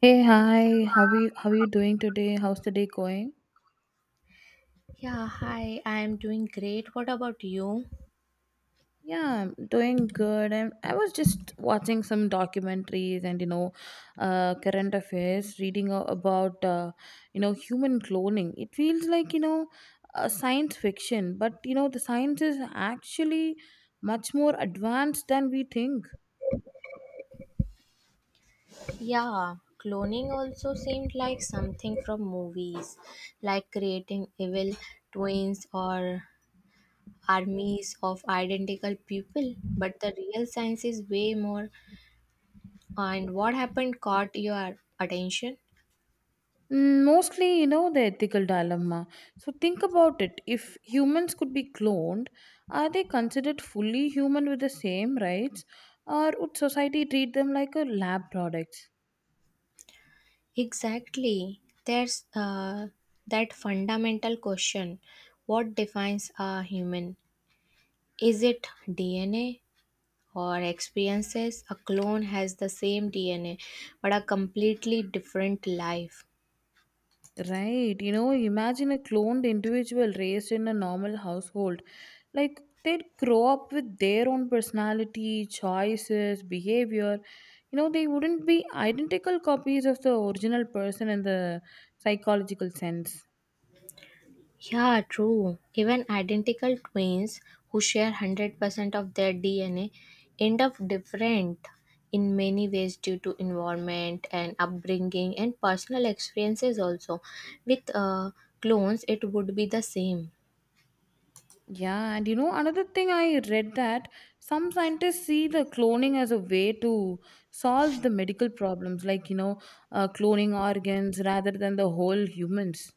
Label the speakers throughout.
Speaker 1: Hey, hi. How are you doing today? How's the day going?
Speaker 2: Yeah, hi, I'm doing great. What about you?
Speaker 1: Yeah, I'm doing good. And I was just watching some documentaries and current affairs, reading about human cloning. It feels like science fiction, but the science is actually much more advanced than we think.
Speaker 2: Yeah, cloning also seemed like something from movies, like creating evil twins or armies of identical people. But the real science is way more. And what happened caught your attention?
Speaker 1: Mostly, you know, the ethical dilemma. So think about it. If humans could be cloned, are they considered fully human with the same rights, or would society treat them like a lab product?
Speaker 2: Exactly. There's that fundamental question, what defines a human? Is it DNA? Or experiences? A clone has the same DNA but a completely different life.
Speaker 1: Right. Imagine a cloned individual raised in a normal household. Like they'd grow up with their own personality, choices, behavior. You know, they wouldn't be identical copies of the original person in the psychological sense.
Speaker 2: Yeah, true. Even identical twins who share 100% of their DNA end up different in many ways due to environment and upbringing and personal experiences also. With clones, it would be the same.
Speaker 1: Yeah, and you know, another thing I read that some scientists see the cloning as a way to solve the medical problems, like, cloning organs rather than the whole humans.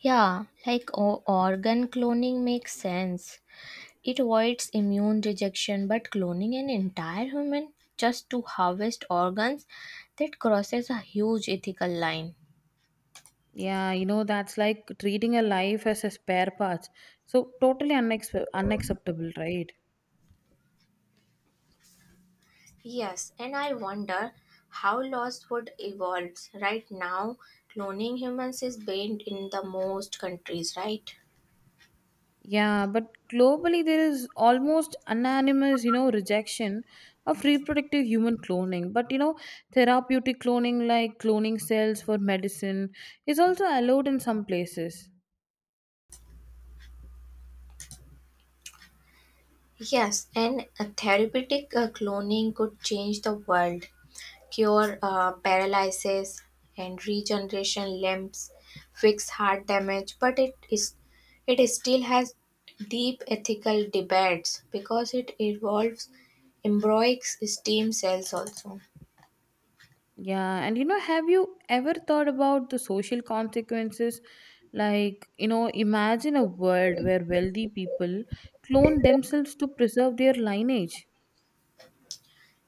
Speaker 2: Yeah, like organ cloning makes sense. It avoids immune rejection, but cloning an entire human just to harvest organs, that crosses a huge ethical line.
Speaker 1: Yeah, you know, that's like treating a life as a spare part. So, totally unacceptable, right?
Speaker 2: Yes, and I wonder how laws would evolve. Right now, cloning humans is banned in the most countries, right?
Speaker 1: Yeah, but globally there is almost unanimous, you know, rejection of reproductive human cloning. But you know, therapeutic cloning like cloning cells for medicine is also allowed in some places.
Speaker 2: Yes, and a therapeutic cloning could change the world. Cure paralysis and regeneration limbs, fix heart damage, but it still has deep ethical debates because it involves embryonic stem cells also.
Speaker 1: Yeah, and you know, have you ever thought about the social consequences? Like, you know, imagine a world where wealthy people clone themselves to preserve their lineage.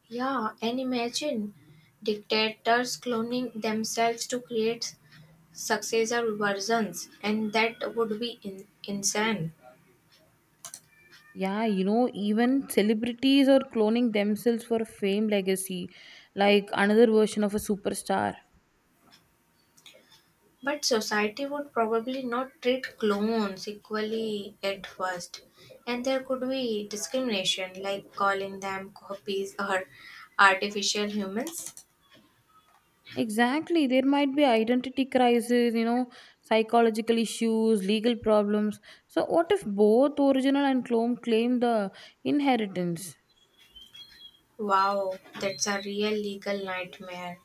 Speaker 2: Yeah, and imagine dictators cloning themselves to create successor versions, and that would be insane.
Speaker 1: Yeah, you know, even celebrities are cloning themselves for fame legacy, like another version of a superstar.
Speaker 2: But society would probably not treat clones equally at first, and there could be discrimination, like calling them copies or artificial humans.
Speaker 1: Exactly, there might be identity crisis, you know, psychological issues, legal problems. So, what if both original and clone claim the inheritance?
Speaker 2: Wow, that's a real legal nightmare.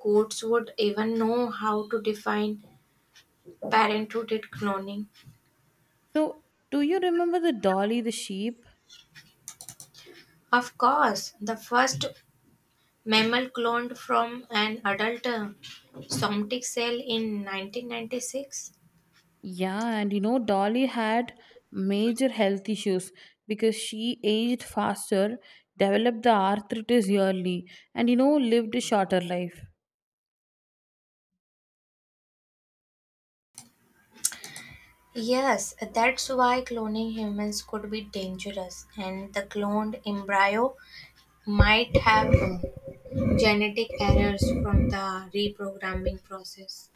Speaker 2: Courts would even know how to define parenthood at cloning.
Speaker 1: So, do you remember the Dolly the sheep?
Speaker 2: Of course, the first mammal cloned from an adult somatic cell in 1996.
Speaker 1: Yeah, and you know, Dolly had major health issues because she aged faster, developed the arthritis early, and you know, lived a shorter life.
Speaker 2: Yes, that's why cloning humans could be dangerous, and the cloned embryo might have genetic errors from the reprogramming process.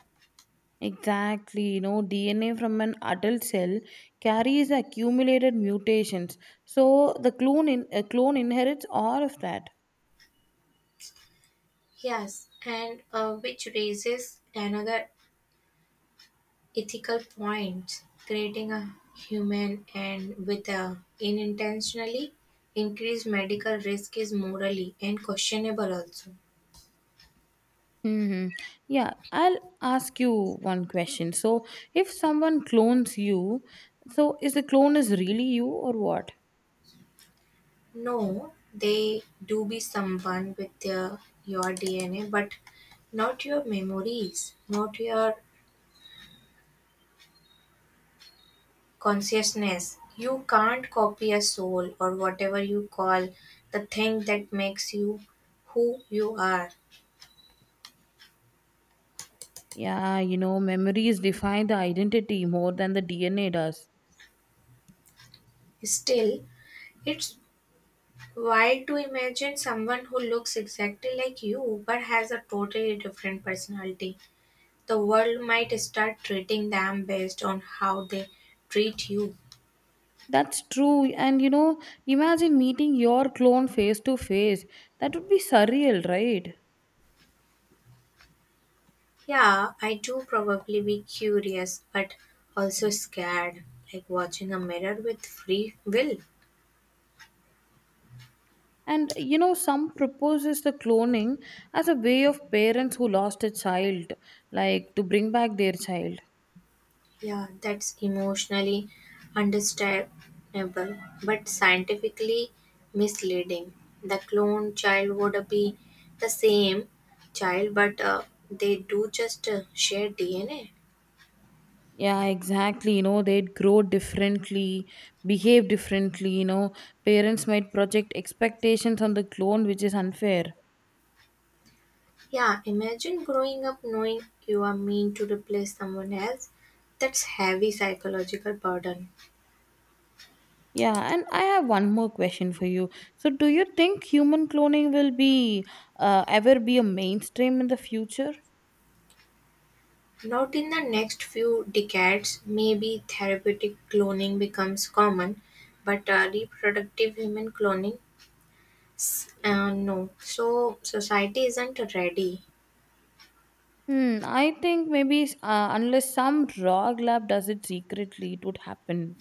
Speaker 1: Exactly, you know, DNA from an adult cell carries accumulated mutations, so a clone inherits all of that.
Speaker 2: Yes, and which raises another ethical point, creating a human and with a unintentionally increased medical risk is morally and questionable also.
Speaker 1: Hmm. Yeah, I'll ask you one question. So, if someone clones you, so is the clone is really you or what?
Speaker 2: No, they do be someone with your DNA, but not your memories, not your consciousness. You can't copy a soul or whatever you call the thing that makes you who you are.
Speaker 1: Yeah, you know, memories define the identity more than the DNA does.
Speaker 2: Still, it's wild to imagine someone who looks exactly like you but has a totally different personality. The world might start treating them based on how they treat you.
Speaker 1: That's true. And you know, imagine meeting your clone face to face. That would be surreal, right?
Speaker 2: Yeah, I do probably be curious, but also scared, like watching a mirror with free will.
Speaker 1: And you know, some proposes the cloning as a way of parents who lost a child, like to bring back their child.
Speaker 2: Yeah, that's emotionally understandable, but scientifically misleading. The clone child would be the same child, but they do just share DNA.
Speaker 1: Yeah, exactly. They'd grow differently, behave differently. You know, parents might project expectations on the clone, which is unfair.
Speaker 2: Yeah, imagine growing up knowing you are meant to replace someone else. That's heavy psychological burden.
Speaker 1: Yeah, and I have one more question for you. So, do you think human cloning will be ever be a mainstream in the future?
Speaker 2: Not in the next few decades, maybe therapeutic cloning becomes common, but reproductive human cloning, no. So, society isn't ready.
Speaker 1: I think maybe unless some rogue lab does it secretly, it would happen.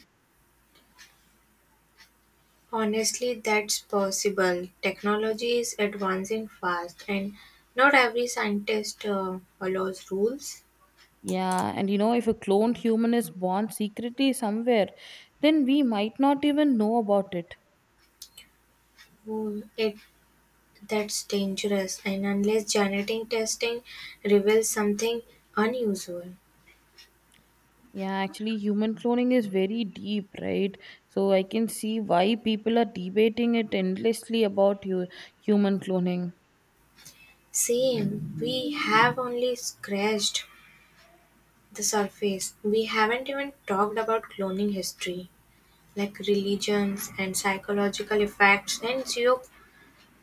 Speaker 2: Honestly, that's possible. Technology is advancing fast, and not every scientist follows rules.
Speaker 1: Yeah, and you know, if a cloned human is born secretly somewhere, then we might not even know about it.
Speaker 2: Oh, It that's dangerous, and unless genetic testing reveals something unusual,
Speaker 1: Yeah, actually, human cloning is very deep, right? So I can see why people are debating it endlessly about you human cloning.
Speaker 2: same, we have only scratched the surface. We haven't even talked about cloning history, like religions and psychological effects and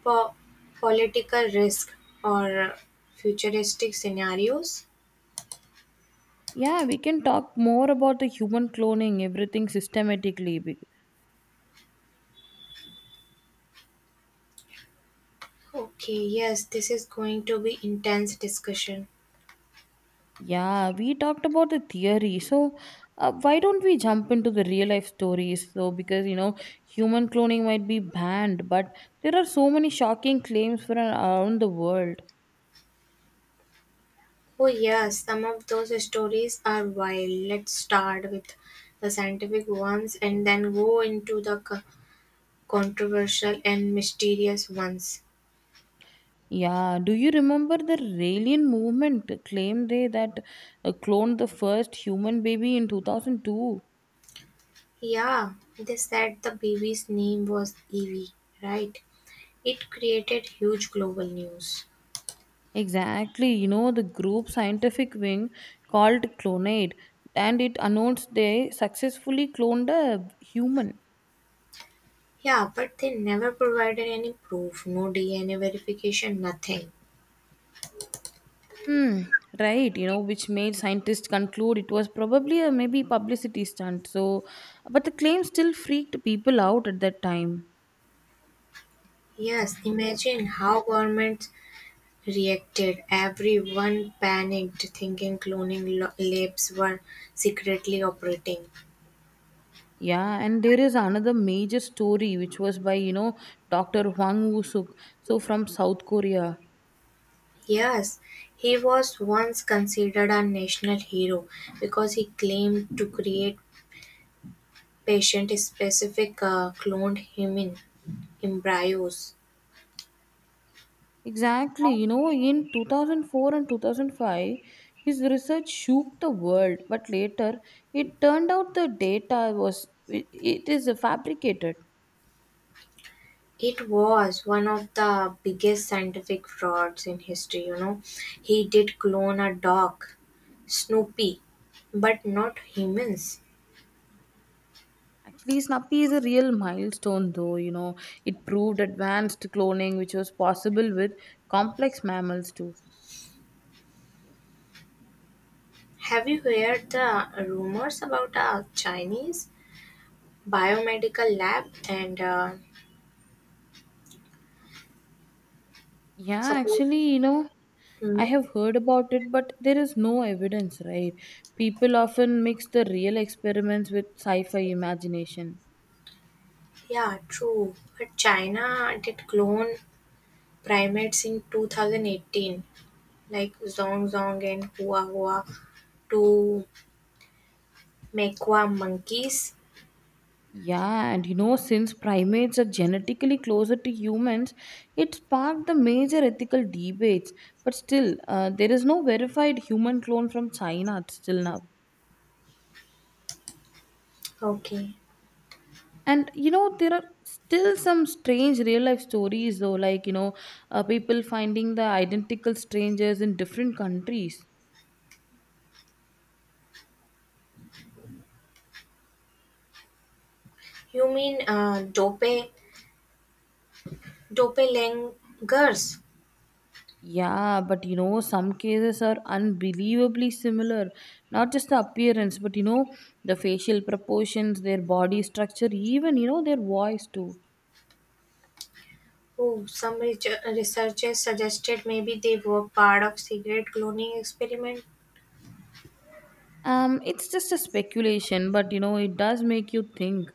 Speaker 2: geopolitical risk or futuristic scenarios.
Speaker 1: Yeah, we can talk more about the human cloning, everything systematically.
Speaker 2: Okay, yes, this is going to be intense discussion.
Speaker 1: Yeah, we talked about the theory. So, why don't we jump into the real life stories? So, because you know, human cloning might be banned, but there are so many shocking claims from around the world.
Speaker 2: Oh yes, some of those stories are wild. Let's start with the scientific ones and then go into the controversial and mysterious ones.
Speaker 1: Yeah, do you remember the Raelian movement claim they that cloned the first human baby in 2002?
Speaker 2: Yeah, they said the baby's name was Evie, right? It created huge global news.
Speaker 1: Exactly, you know, the group scientific wing called Clonade and it announced they successfully cloned a human.
Speaker 2: Yeah, but they never provided any proof, no DNA verification, nothing.
Speaker 1: Hmm. Right, you know, which made scientists conclude it was probably a maybe publicity stunt. So, but the claim still freaked people out at that time.
Speaker 2: Yes, imagine how governments reacted. Everyone panicked, thinking cloning labs were secretly operating.
Speaker 1: Yeah, and there is another major story which was by, you know, Dr. Hwang Woo Suk, so from South Korea.
Speaker 2: Yes, he was once considered a national hero because he claimed to create patient-specific cloned human embryos.
Speaker 1: Exactly. You know, in 2004 and 2005, his research shook the world, but later it turned out the data was it, it is fabricated.
Speaker 2: It was one of the biggest scientific frauds in history, you know. He did clone a dog, Snoopy, but not humans.
Speaker 1: Actually, Snappy is a real milestone, though. You know, it proved advanced cloning, which was possible with complex mammals too.
Speaker 2: Have you heard the rumors about a Chinese biomedical lab and
Speaker 1: Yeah,
Speaker 2: suppose?
Speaker 1: actually, you know, I
Speaker 2: Hmm?
Speaker 1: have heard about it, but there is no evidence, right? People often mix the real experiments with sci fi imagination.
Speaker 2: Yeah, true. But China did clone primates in 2018, like Zong Zong and Hua Hua, to Mekwa monkeys.
Speaker 1: Yeah, and you know, since primates are genetically closer to humans, it sparked the major ethical debates. But still, there is no verified human clone from China till now.
Speaker 2: Okay.
Speaker 1: And you know, there are still some strange real life stories, though, like people finding the identical strangers in different countries.
Speaker 2: You mean doppelangers?
Speaker 1: Yeah, but you know, some cases are unbelievably similar. Not just the appearance, but you know, the facial proportions, their body structure, even you know, their voice too.
Speaker 2: Oh, some researchers suggested maybe they were part of cigarette cloning experiment.
Speaker 1: It's just a speculation, but you know, it does make you think.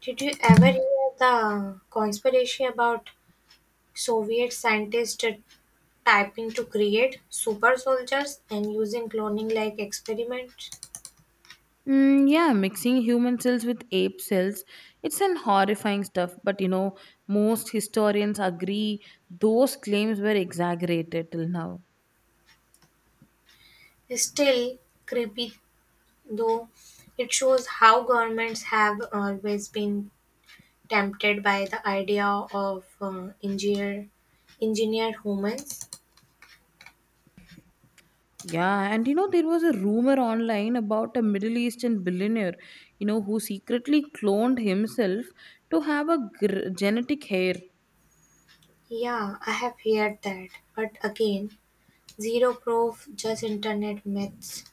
Speaker 2: Did you ever hear the conspiracy about Soviet scientists typing to create super soldiers and using cloning like experiments?
Speaker 1: Mm, yeah, mixing human cells with ape cells, it's an horrifying stuff, but you know, most historians agree those claims were exaggerated till now.
Speaker 2: Still creepy, though it shows how governments have always been tempted by the idea of engineered humans.
Speaker 1: Yeah, and you know, there was a rumor online about a Middle Eastern billionaire, you know, who secretly cloned himself to have a genetic hair.
Speaker 2: Yeah, I have heard that, but again, zero proof, just internet myths.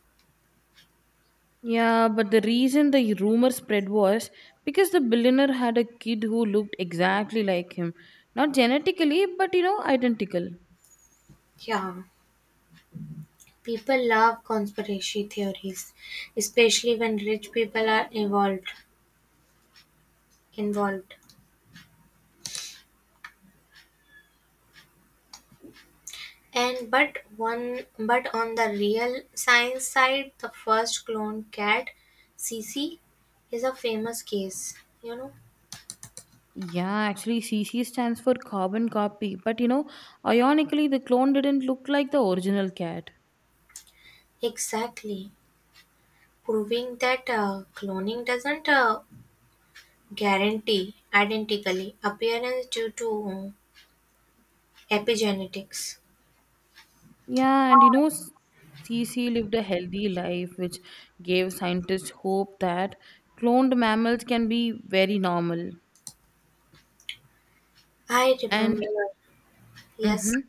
Speaker 1: Yeah, but the reason the rumor spread was because the billionaire had a kid who looked exactly like him. Not genetically, but you know, identical.
Speaker 2: Yeah, people love conspiracy theories, especially when rich people are involved. And but one, but on the real science side, the first cloned cat, Cece, is a famous case. You know
Speaker 1: Yeah, actually, CC stands for carbon copy, but you know, ironically, the clone didn't look like the original cat.
Speaker 2: exactly, proving that cloning doesn't guarantee identically appearance due to epigenetics.
Speaker 1: Yeah, and you know, CC lived a healthy life, which gave scientists hope that cloned mammals can be very normal.
Speaker 2: I remember,
Speaker 1: And
Speaker 2: yes,
Speaker 1: hmm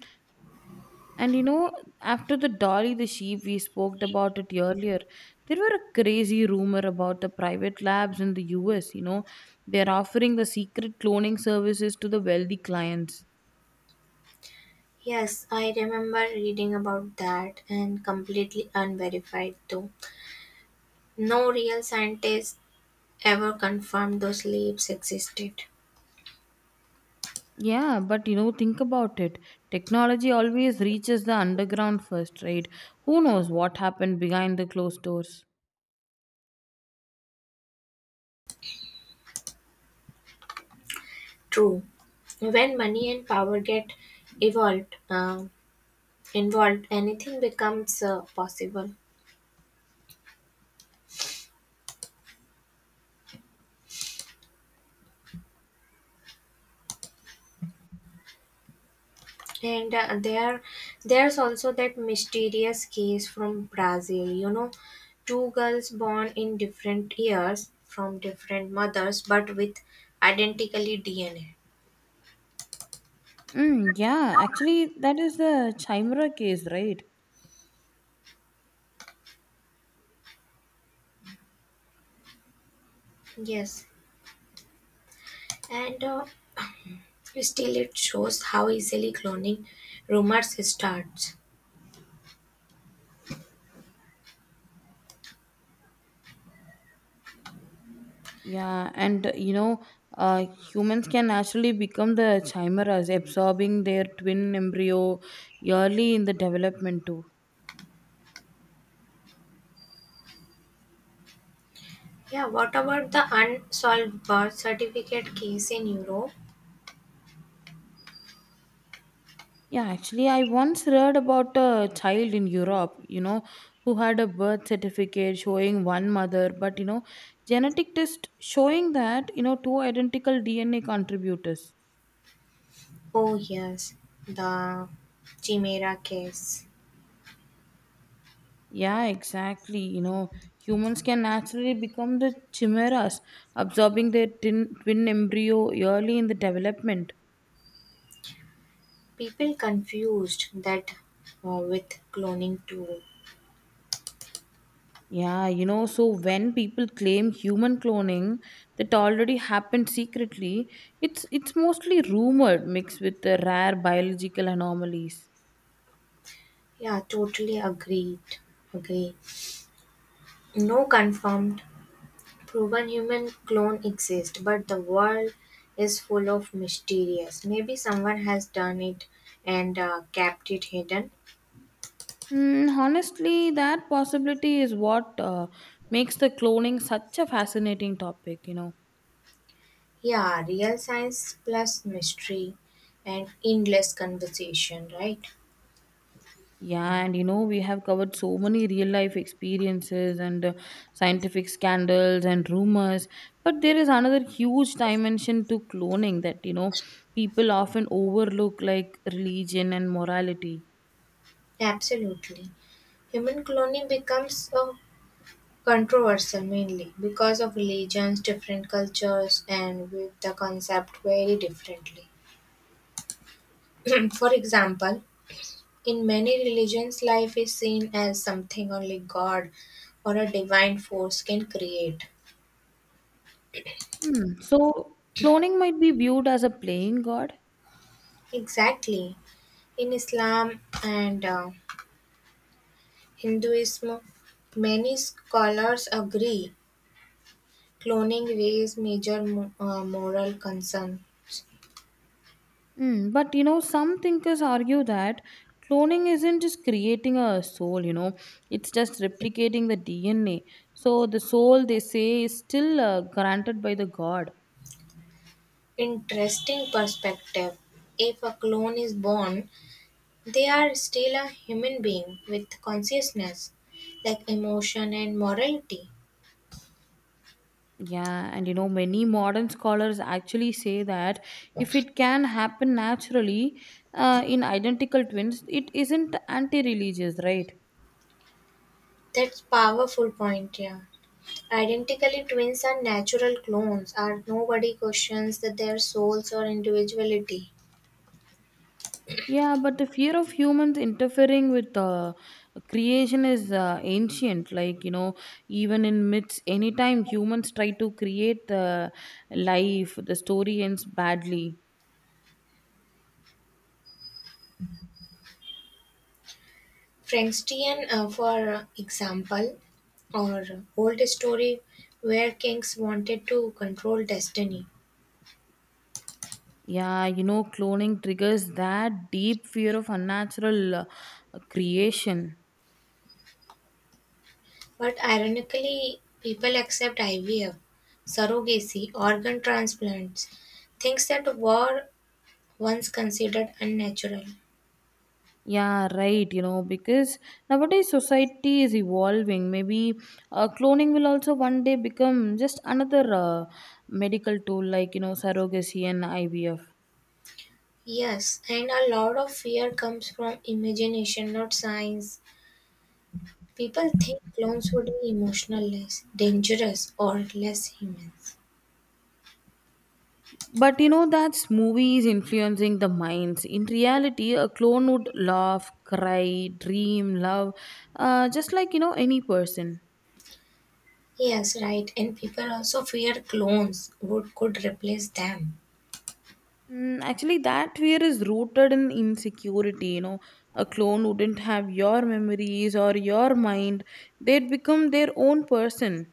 Speaker 1: and you know, after the Dolly the sheep, we spoke about it earlier. There were a crazy rumor about the private labs in the US. You know, they're offering the secret cloning services to the wealthy clients.
Speaker 2: yes, I remember reading about that, and completely unverified though. No real scientist ever confirmed those leaps existed.
Speaker 1: Yeah, but you know, think about it. Technology always reaches the underground first, right? Who knows what happened behind the closed doors?
Speaker 2: True. When money and power get evolved, involved, anything becomes possible. And there's also that mysterious case from Brazil. You know, two girls born in different years from different mothers, but with identically DNA.
Speaker 1: Mm, yeah, actually, that is the Chimera case, right?
Speaker 2: Yes, and still it shows how easily cloning rumors starts.
Speaker 1: Yeah, and uh, humans can naturally become the chimeras, absorbing their twin embryo early in the development, too.
Speaker 2: Yeah, what about the unsolved birth certificate case in Europe?
Speaker 1: Yeah, actually, I once read about a child in Europe, you know, who had a birth certificate showing one mother, but you know, genetic test showing that, you know, two identical DNA contributors.
Speaker 2: Oh, yes, the Chimera case.
Speaker 1: Yeah, exactly. You know, humans can naturally become the chimeras, absorbing their twin embryo early in the development.
Speaker 2: People confused that with cloning too.
Speaker 1: Yeah, you know, so when people claim human cloning that already happened secretly, it's mostly rumored mixed with the rare biological anomalies.
Speaker 2: Yeah, totally agreed. Agree. No confirmed proven human clone exists, but the world is full of mysterious. Maybe someone has done it and kept it hidden.
Speaker 1: Honestly, that possibility is what makes the cloning such a fascinating topic, you know.
Speaker 2: Yeah, real science plus mystery and endless conversation, right?
Speaker 1: Yeah, and you know, we have covered so many real life experiences and scientific scandals and rumors, but there is another huge dimension to cloning that you know people often overlook, like religion and morality.
Speaker 2: Absolutely. Human cloning becomes a controversial mainly because of religions, different cultures, and with the concept very differently. For example, in many religions, life is seen as something only God or a divine force can create.
Speaker 1: Hmm. So, cloning might be viewed as a playing god.
Speaker 2: Exactly. In Islam and Hinduism, many scholars agree cloning raised major moral concern.
Speaker 1: Hmm. But you know, some thinkers argue that cloning isn't just creating a soul, you know, it's just replicating the DNA. So, the soul they say is still granted by the god.
Speaker 2: Interesting perspective. If a clone is born, they are still a human being with consciousness, like emotion and morality.
Speaker 1: Yeah, and you know, many modern scholars actually say that if it can happen naturally in identical twins, it isn't anti religious, right?
Speaker 2: That's powerful point, yeah. Identically twins are natural clones, are nobody questions that their souls or individuality.
Speaker 1: Yeah, but the fear of humans interfering with creation is ancient. Like, you know, even in myths, anytime humans try to create life, the story ends badly.
Speaker 2: Frankenstein, for example, or old story where kings wanted to control destiny.
Speaker 1: Yeah, you know, cloning triggers that deep fear of unnatural creation.
Speaker 2: But ironically, people accept IVF, surrogacy, organ transplants, things that were once considered unnatural.
Speaker 1: Yeah, right. You know, because nowadays society is evolving. Maybe cloning will also one day become just another medical tool like, you know, surrogacy and IVF.
Speaker 2: Yes, and a lot of fear comes from imagination, not science. People think clones would be emotionless, dangerous, or less humans.
Speaker 1: But you know, that's movies influencing the minds. In reality, a clone would laugh, cry, dream, love, just like, you know, any person.
Speaker 2: Yes, right. And people also fear clones would could replace them.
Speaker 1: Actually, that fear is rooted in insecurity. You know, a clone wouldn't have your memories or your mind, they'd become their own person.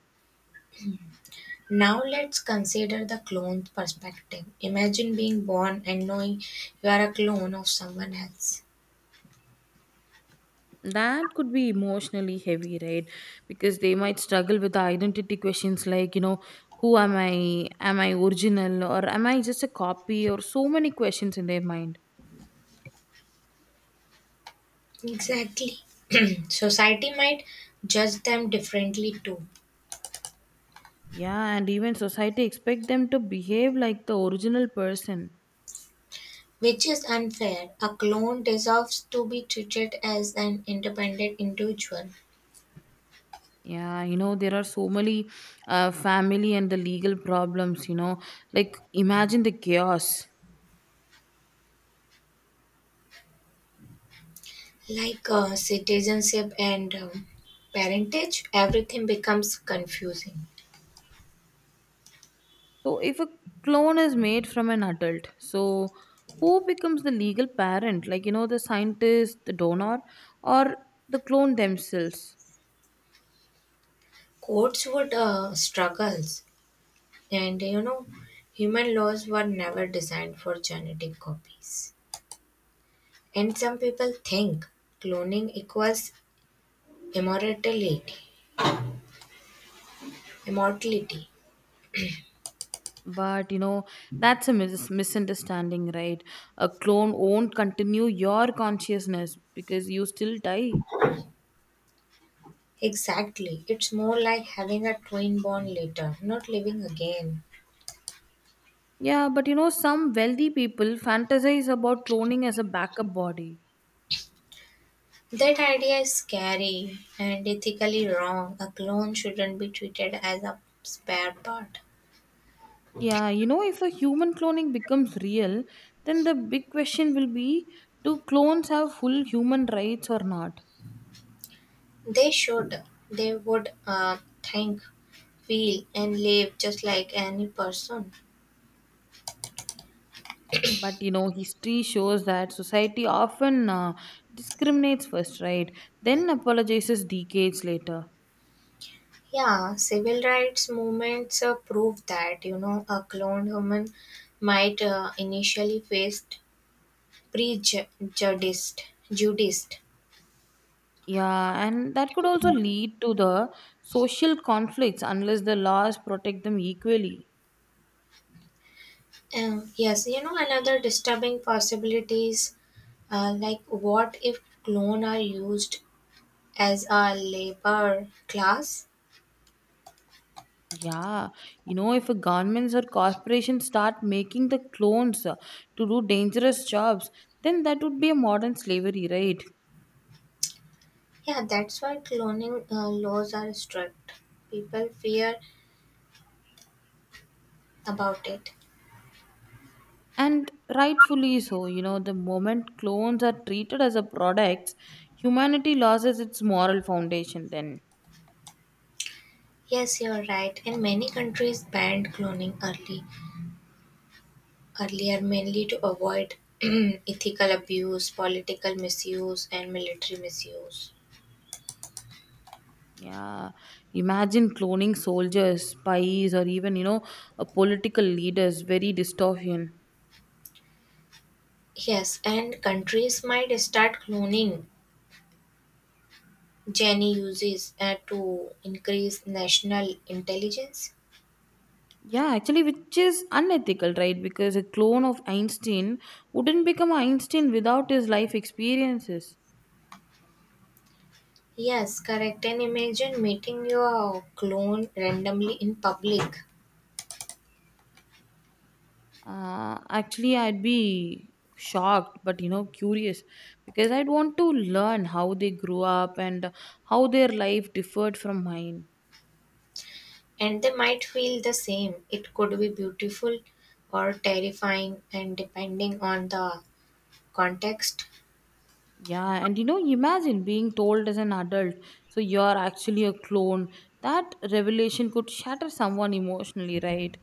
Speaker 2: Now let's consider the clone perspective. Imagine being born and knowing you are a clone of someone else.
Speaker 1: That could be emotionally heavy, right? Because they might struggle with identity questions like, you know, who am I? Am I original? Or am I just a copy? Or so many questions in their mind.
Speaker 2: Exactly. Society might judge them differently too,
Speaker 1: Yeah, and even society expect them to behave like the original person.
Speaker 2: which is unfair. A clone deserves to be treated as an independent individual.
Speaker 1: Yeah, you know, there are so many family and the legal problems, you know. Like, imagine the chaos.
Speaker 2: Like citizenship and parentage, everything becomes confusing.
Speaker 1: So, if a clone is made from an adult, so who becomes the legal parent? Like, you know, the scientist, the donor, or the clone themselves?
Speaker 2: Courts would struggles, and you know, human laws were never designed for genetic copies, and some people think cloning equals immortality immortality.
Speaker 1: But, you know, that's a misunderstanding, right? A clone won't continue your consciousness because you still die.
Speaker 2: Exactly, it's more like having a twin born later, not living again.
Speaker 1: Yeah, but you know, some wealthy people fantasize about cloning as a backup body.
Speaker 2: That idea is scary and ethically wrong, a clone shouldn't be treated as a spare part.
Speaker 1: Yeah, you know, if a human cloning becomes real, then the big question will be do clones have full human rights or not?
Speaker 2: They should. They would think, feel, and live just like any person.
Speaker 1: But you know, history shows that society often discriminates first, right? Then apologizes decades later.
Speaker 2: Yeah, civil rights movements prove that, you know, a cloned human might initially face prejudice. Judice.
Speaker 1: Yeah, and that could also lead to the social conflicts unless the laws protect them equally.
Speaker 2: Yes, you know, another disturbing possibility is like what if clone are used as a labor class.
Speaker 1: Yeah, you know, if a governments or corporations start making the clones to do dangerous jobs, then that would be a modern slavery, right?
Speaker 2: Yeah, that's why cloning laws are strict. People fear about it.
Speaker 1: And rightfully so, you know, the moment clones are treated as a product, humanity loses its moral foundation then.
Speaker 2: Yes, you're right. And many countries banned cloning early, earlier mainly to avoid ethical abuse, political misuse, and military misuse.
Speaker 1: Yeah, imagine cloning soldiers, spies, or even, political leaders, very dystopian.
Speaker 2: Yes, and countries might start cloning Jenny uses to increase national intelligence.
Speaker 1: Yeah, actually, which is unethical, right? Because a clone of Einstein wouldn't become Einstein without his life experiences.
Speaker 2: Yes, correct. And imagine meeting your clone randomly in public.
Speaker 1: Actually, I'd be shocked, but you know, curious because I'd want to learn how they grew up and how their life differed from mine.
Speaker 2: And they might feel the same. It could be beautiful or terrifying, and depending on the context.
Speaker 1: Yeah, and you know, imagine being told as an adult, so you're actually a clone. That revelation could shatter someone emotionally, right?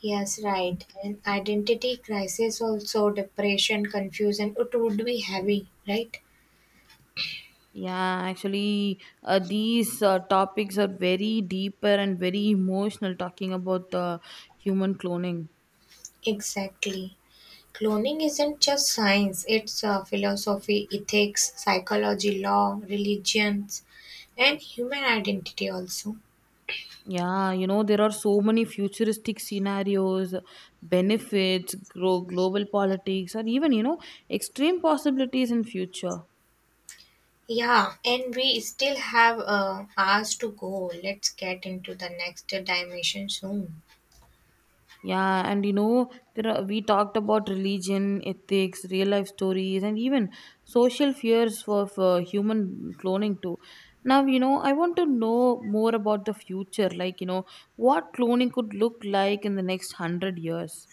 Speaker 2: Yes, right. And identity crisis, also depression, confusion, it would be heavy, right?
Speaker 1: Yeah, actually, these topics are very deeper and very emotional, talking about human cloning.
Speaker 2: Exactly. Cloning isn't just science, it's philosophy, ethics, psychology, law, religions, and human identity also.
Speaker 1: Yeah, you know, there are so many futuristic scenarios, benefits, global politics, or even, you know, extreme possibilities in future.
Speaker 2: Yeah, and we still have hours to go. Let's get into the next dimension soon.
Speaker 1: Yeah, and you know, we talked about religion, ethics, real life stories, and even social fears for human cloning too. Now, you know, I want to know more about the future, like, you know, what cloning could look like in the next hundred years.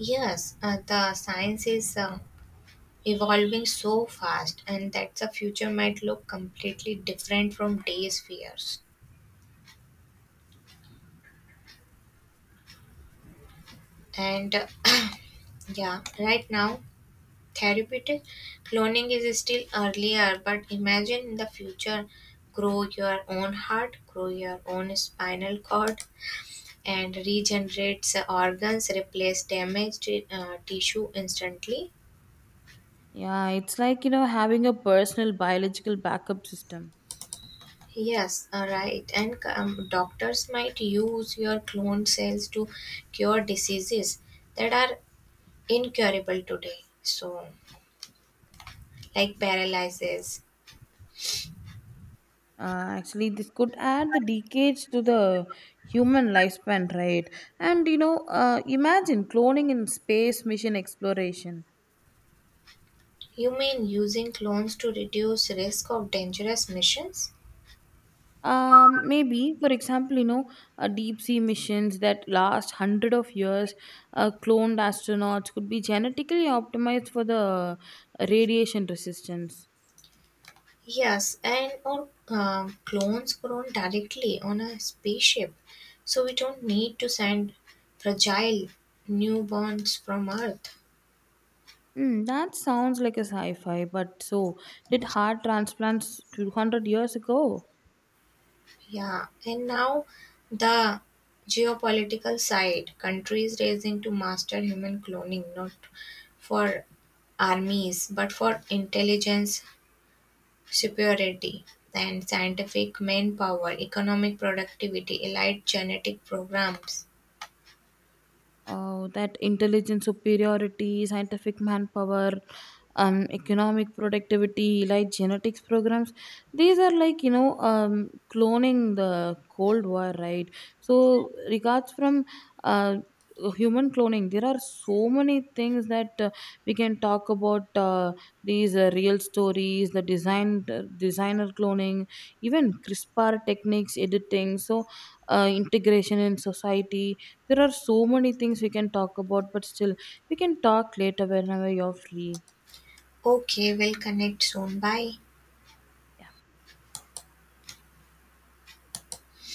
Speaker 2: Yes, the science is evolving so fast, and that the future might look completely different from today's fears. And yeah, right now, therapeutic cloning is still earlier, but imagine in the future, grow your own heart, grow your own spinal cord, and regenerates organs, replace damaged tissue instantly.
Speaker 1: Yeah, it's like, you know, having a personal biological backup system.
Speaker 2: Yes, right. And doctors might use your cloned cells to cure diseases that are incurable today. So, like paralysis.
Speaker 1: Actually, this could add the decades to the human lifespan, right? And, you know, imagine cloning in space mission exploration.
Speaker 2: You mean using clones to reduce risk of dangerous missions?
Speaker 1: Maybe for example you know deep sea missions that last hundred of years cloned astronauts could be genetically optimized for the radiation resistance.
Speaker 2: Yes, and or clones grown directly on a spaceship, so we don't need to send fragile newborns from Earth.
Speaker 1: That sounds like a sci-fi but so did heart transplants 200 years ago.
Speaker 2: Yeah, and now the geopolitical side countries racing to master human cloning, not for armies, but for intelligence, superiority, and scientific manpower, economic productivity, elite genetic programs.
Speaker 1: That intelligence superiority, scientific manpower, economic productivity, like genetics programs, these are like you know cloning the Cold War, right? So regards from uh, human cloning, there are so many things that we can talk about these real stories, the designer cloning, even CRISPR techniques, editing, so integration in society there are so many things we can talk about, but still, we can talk later whenever you're free.
Speaker 2: Okay, we'll connect soon. Bye.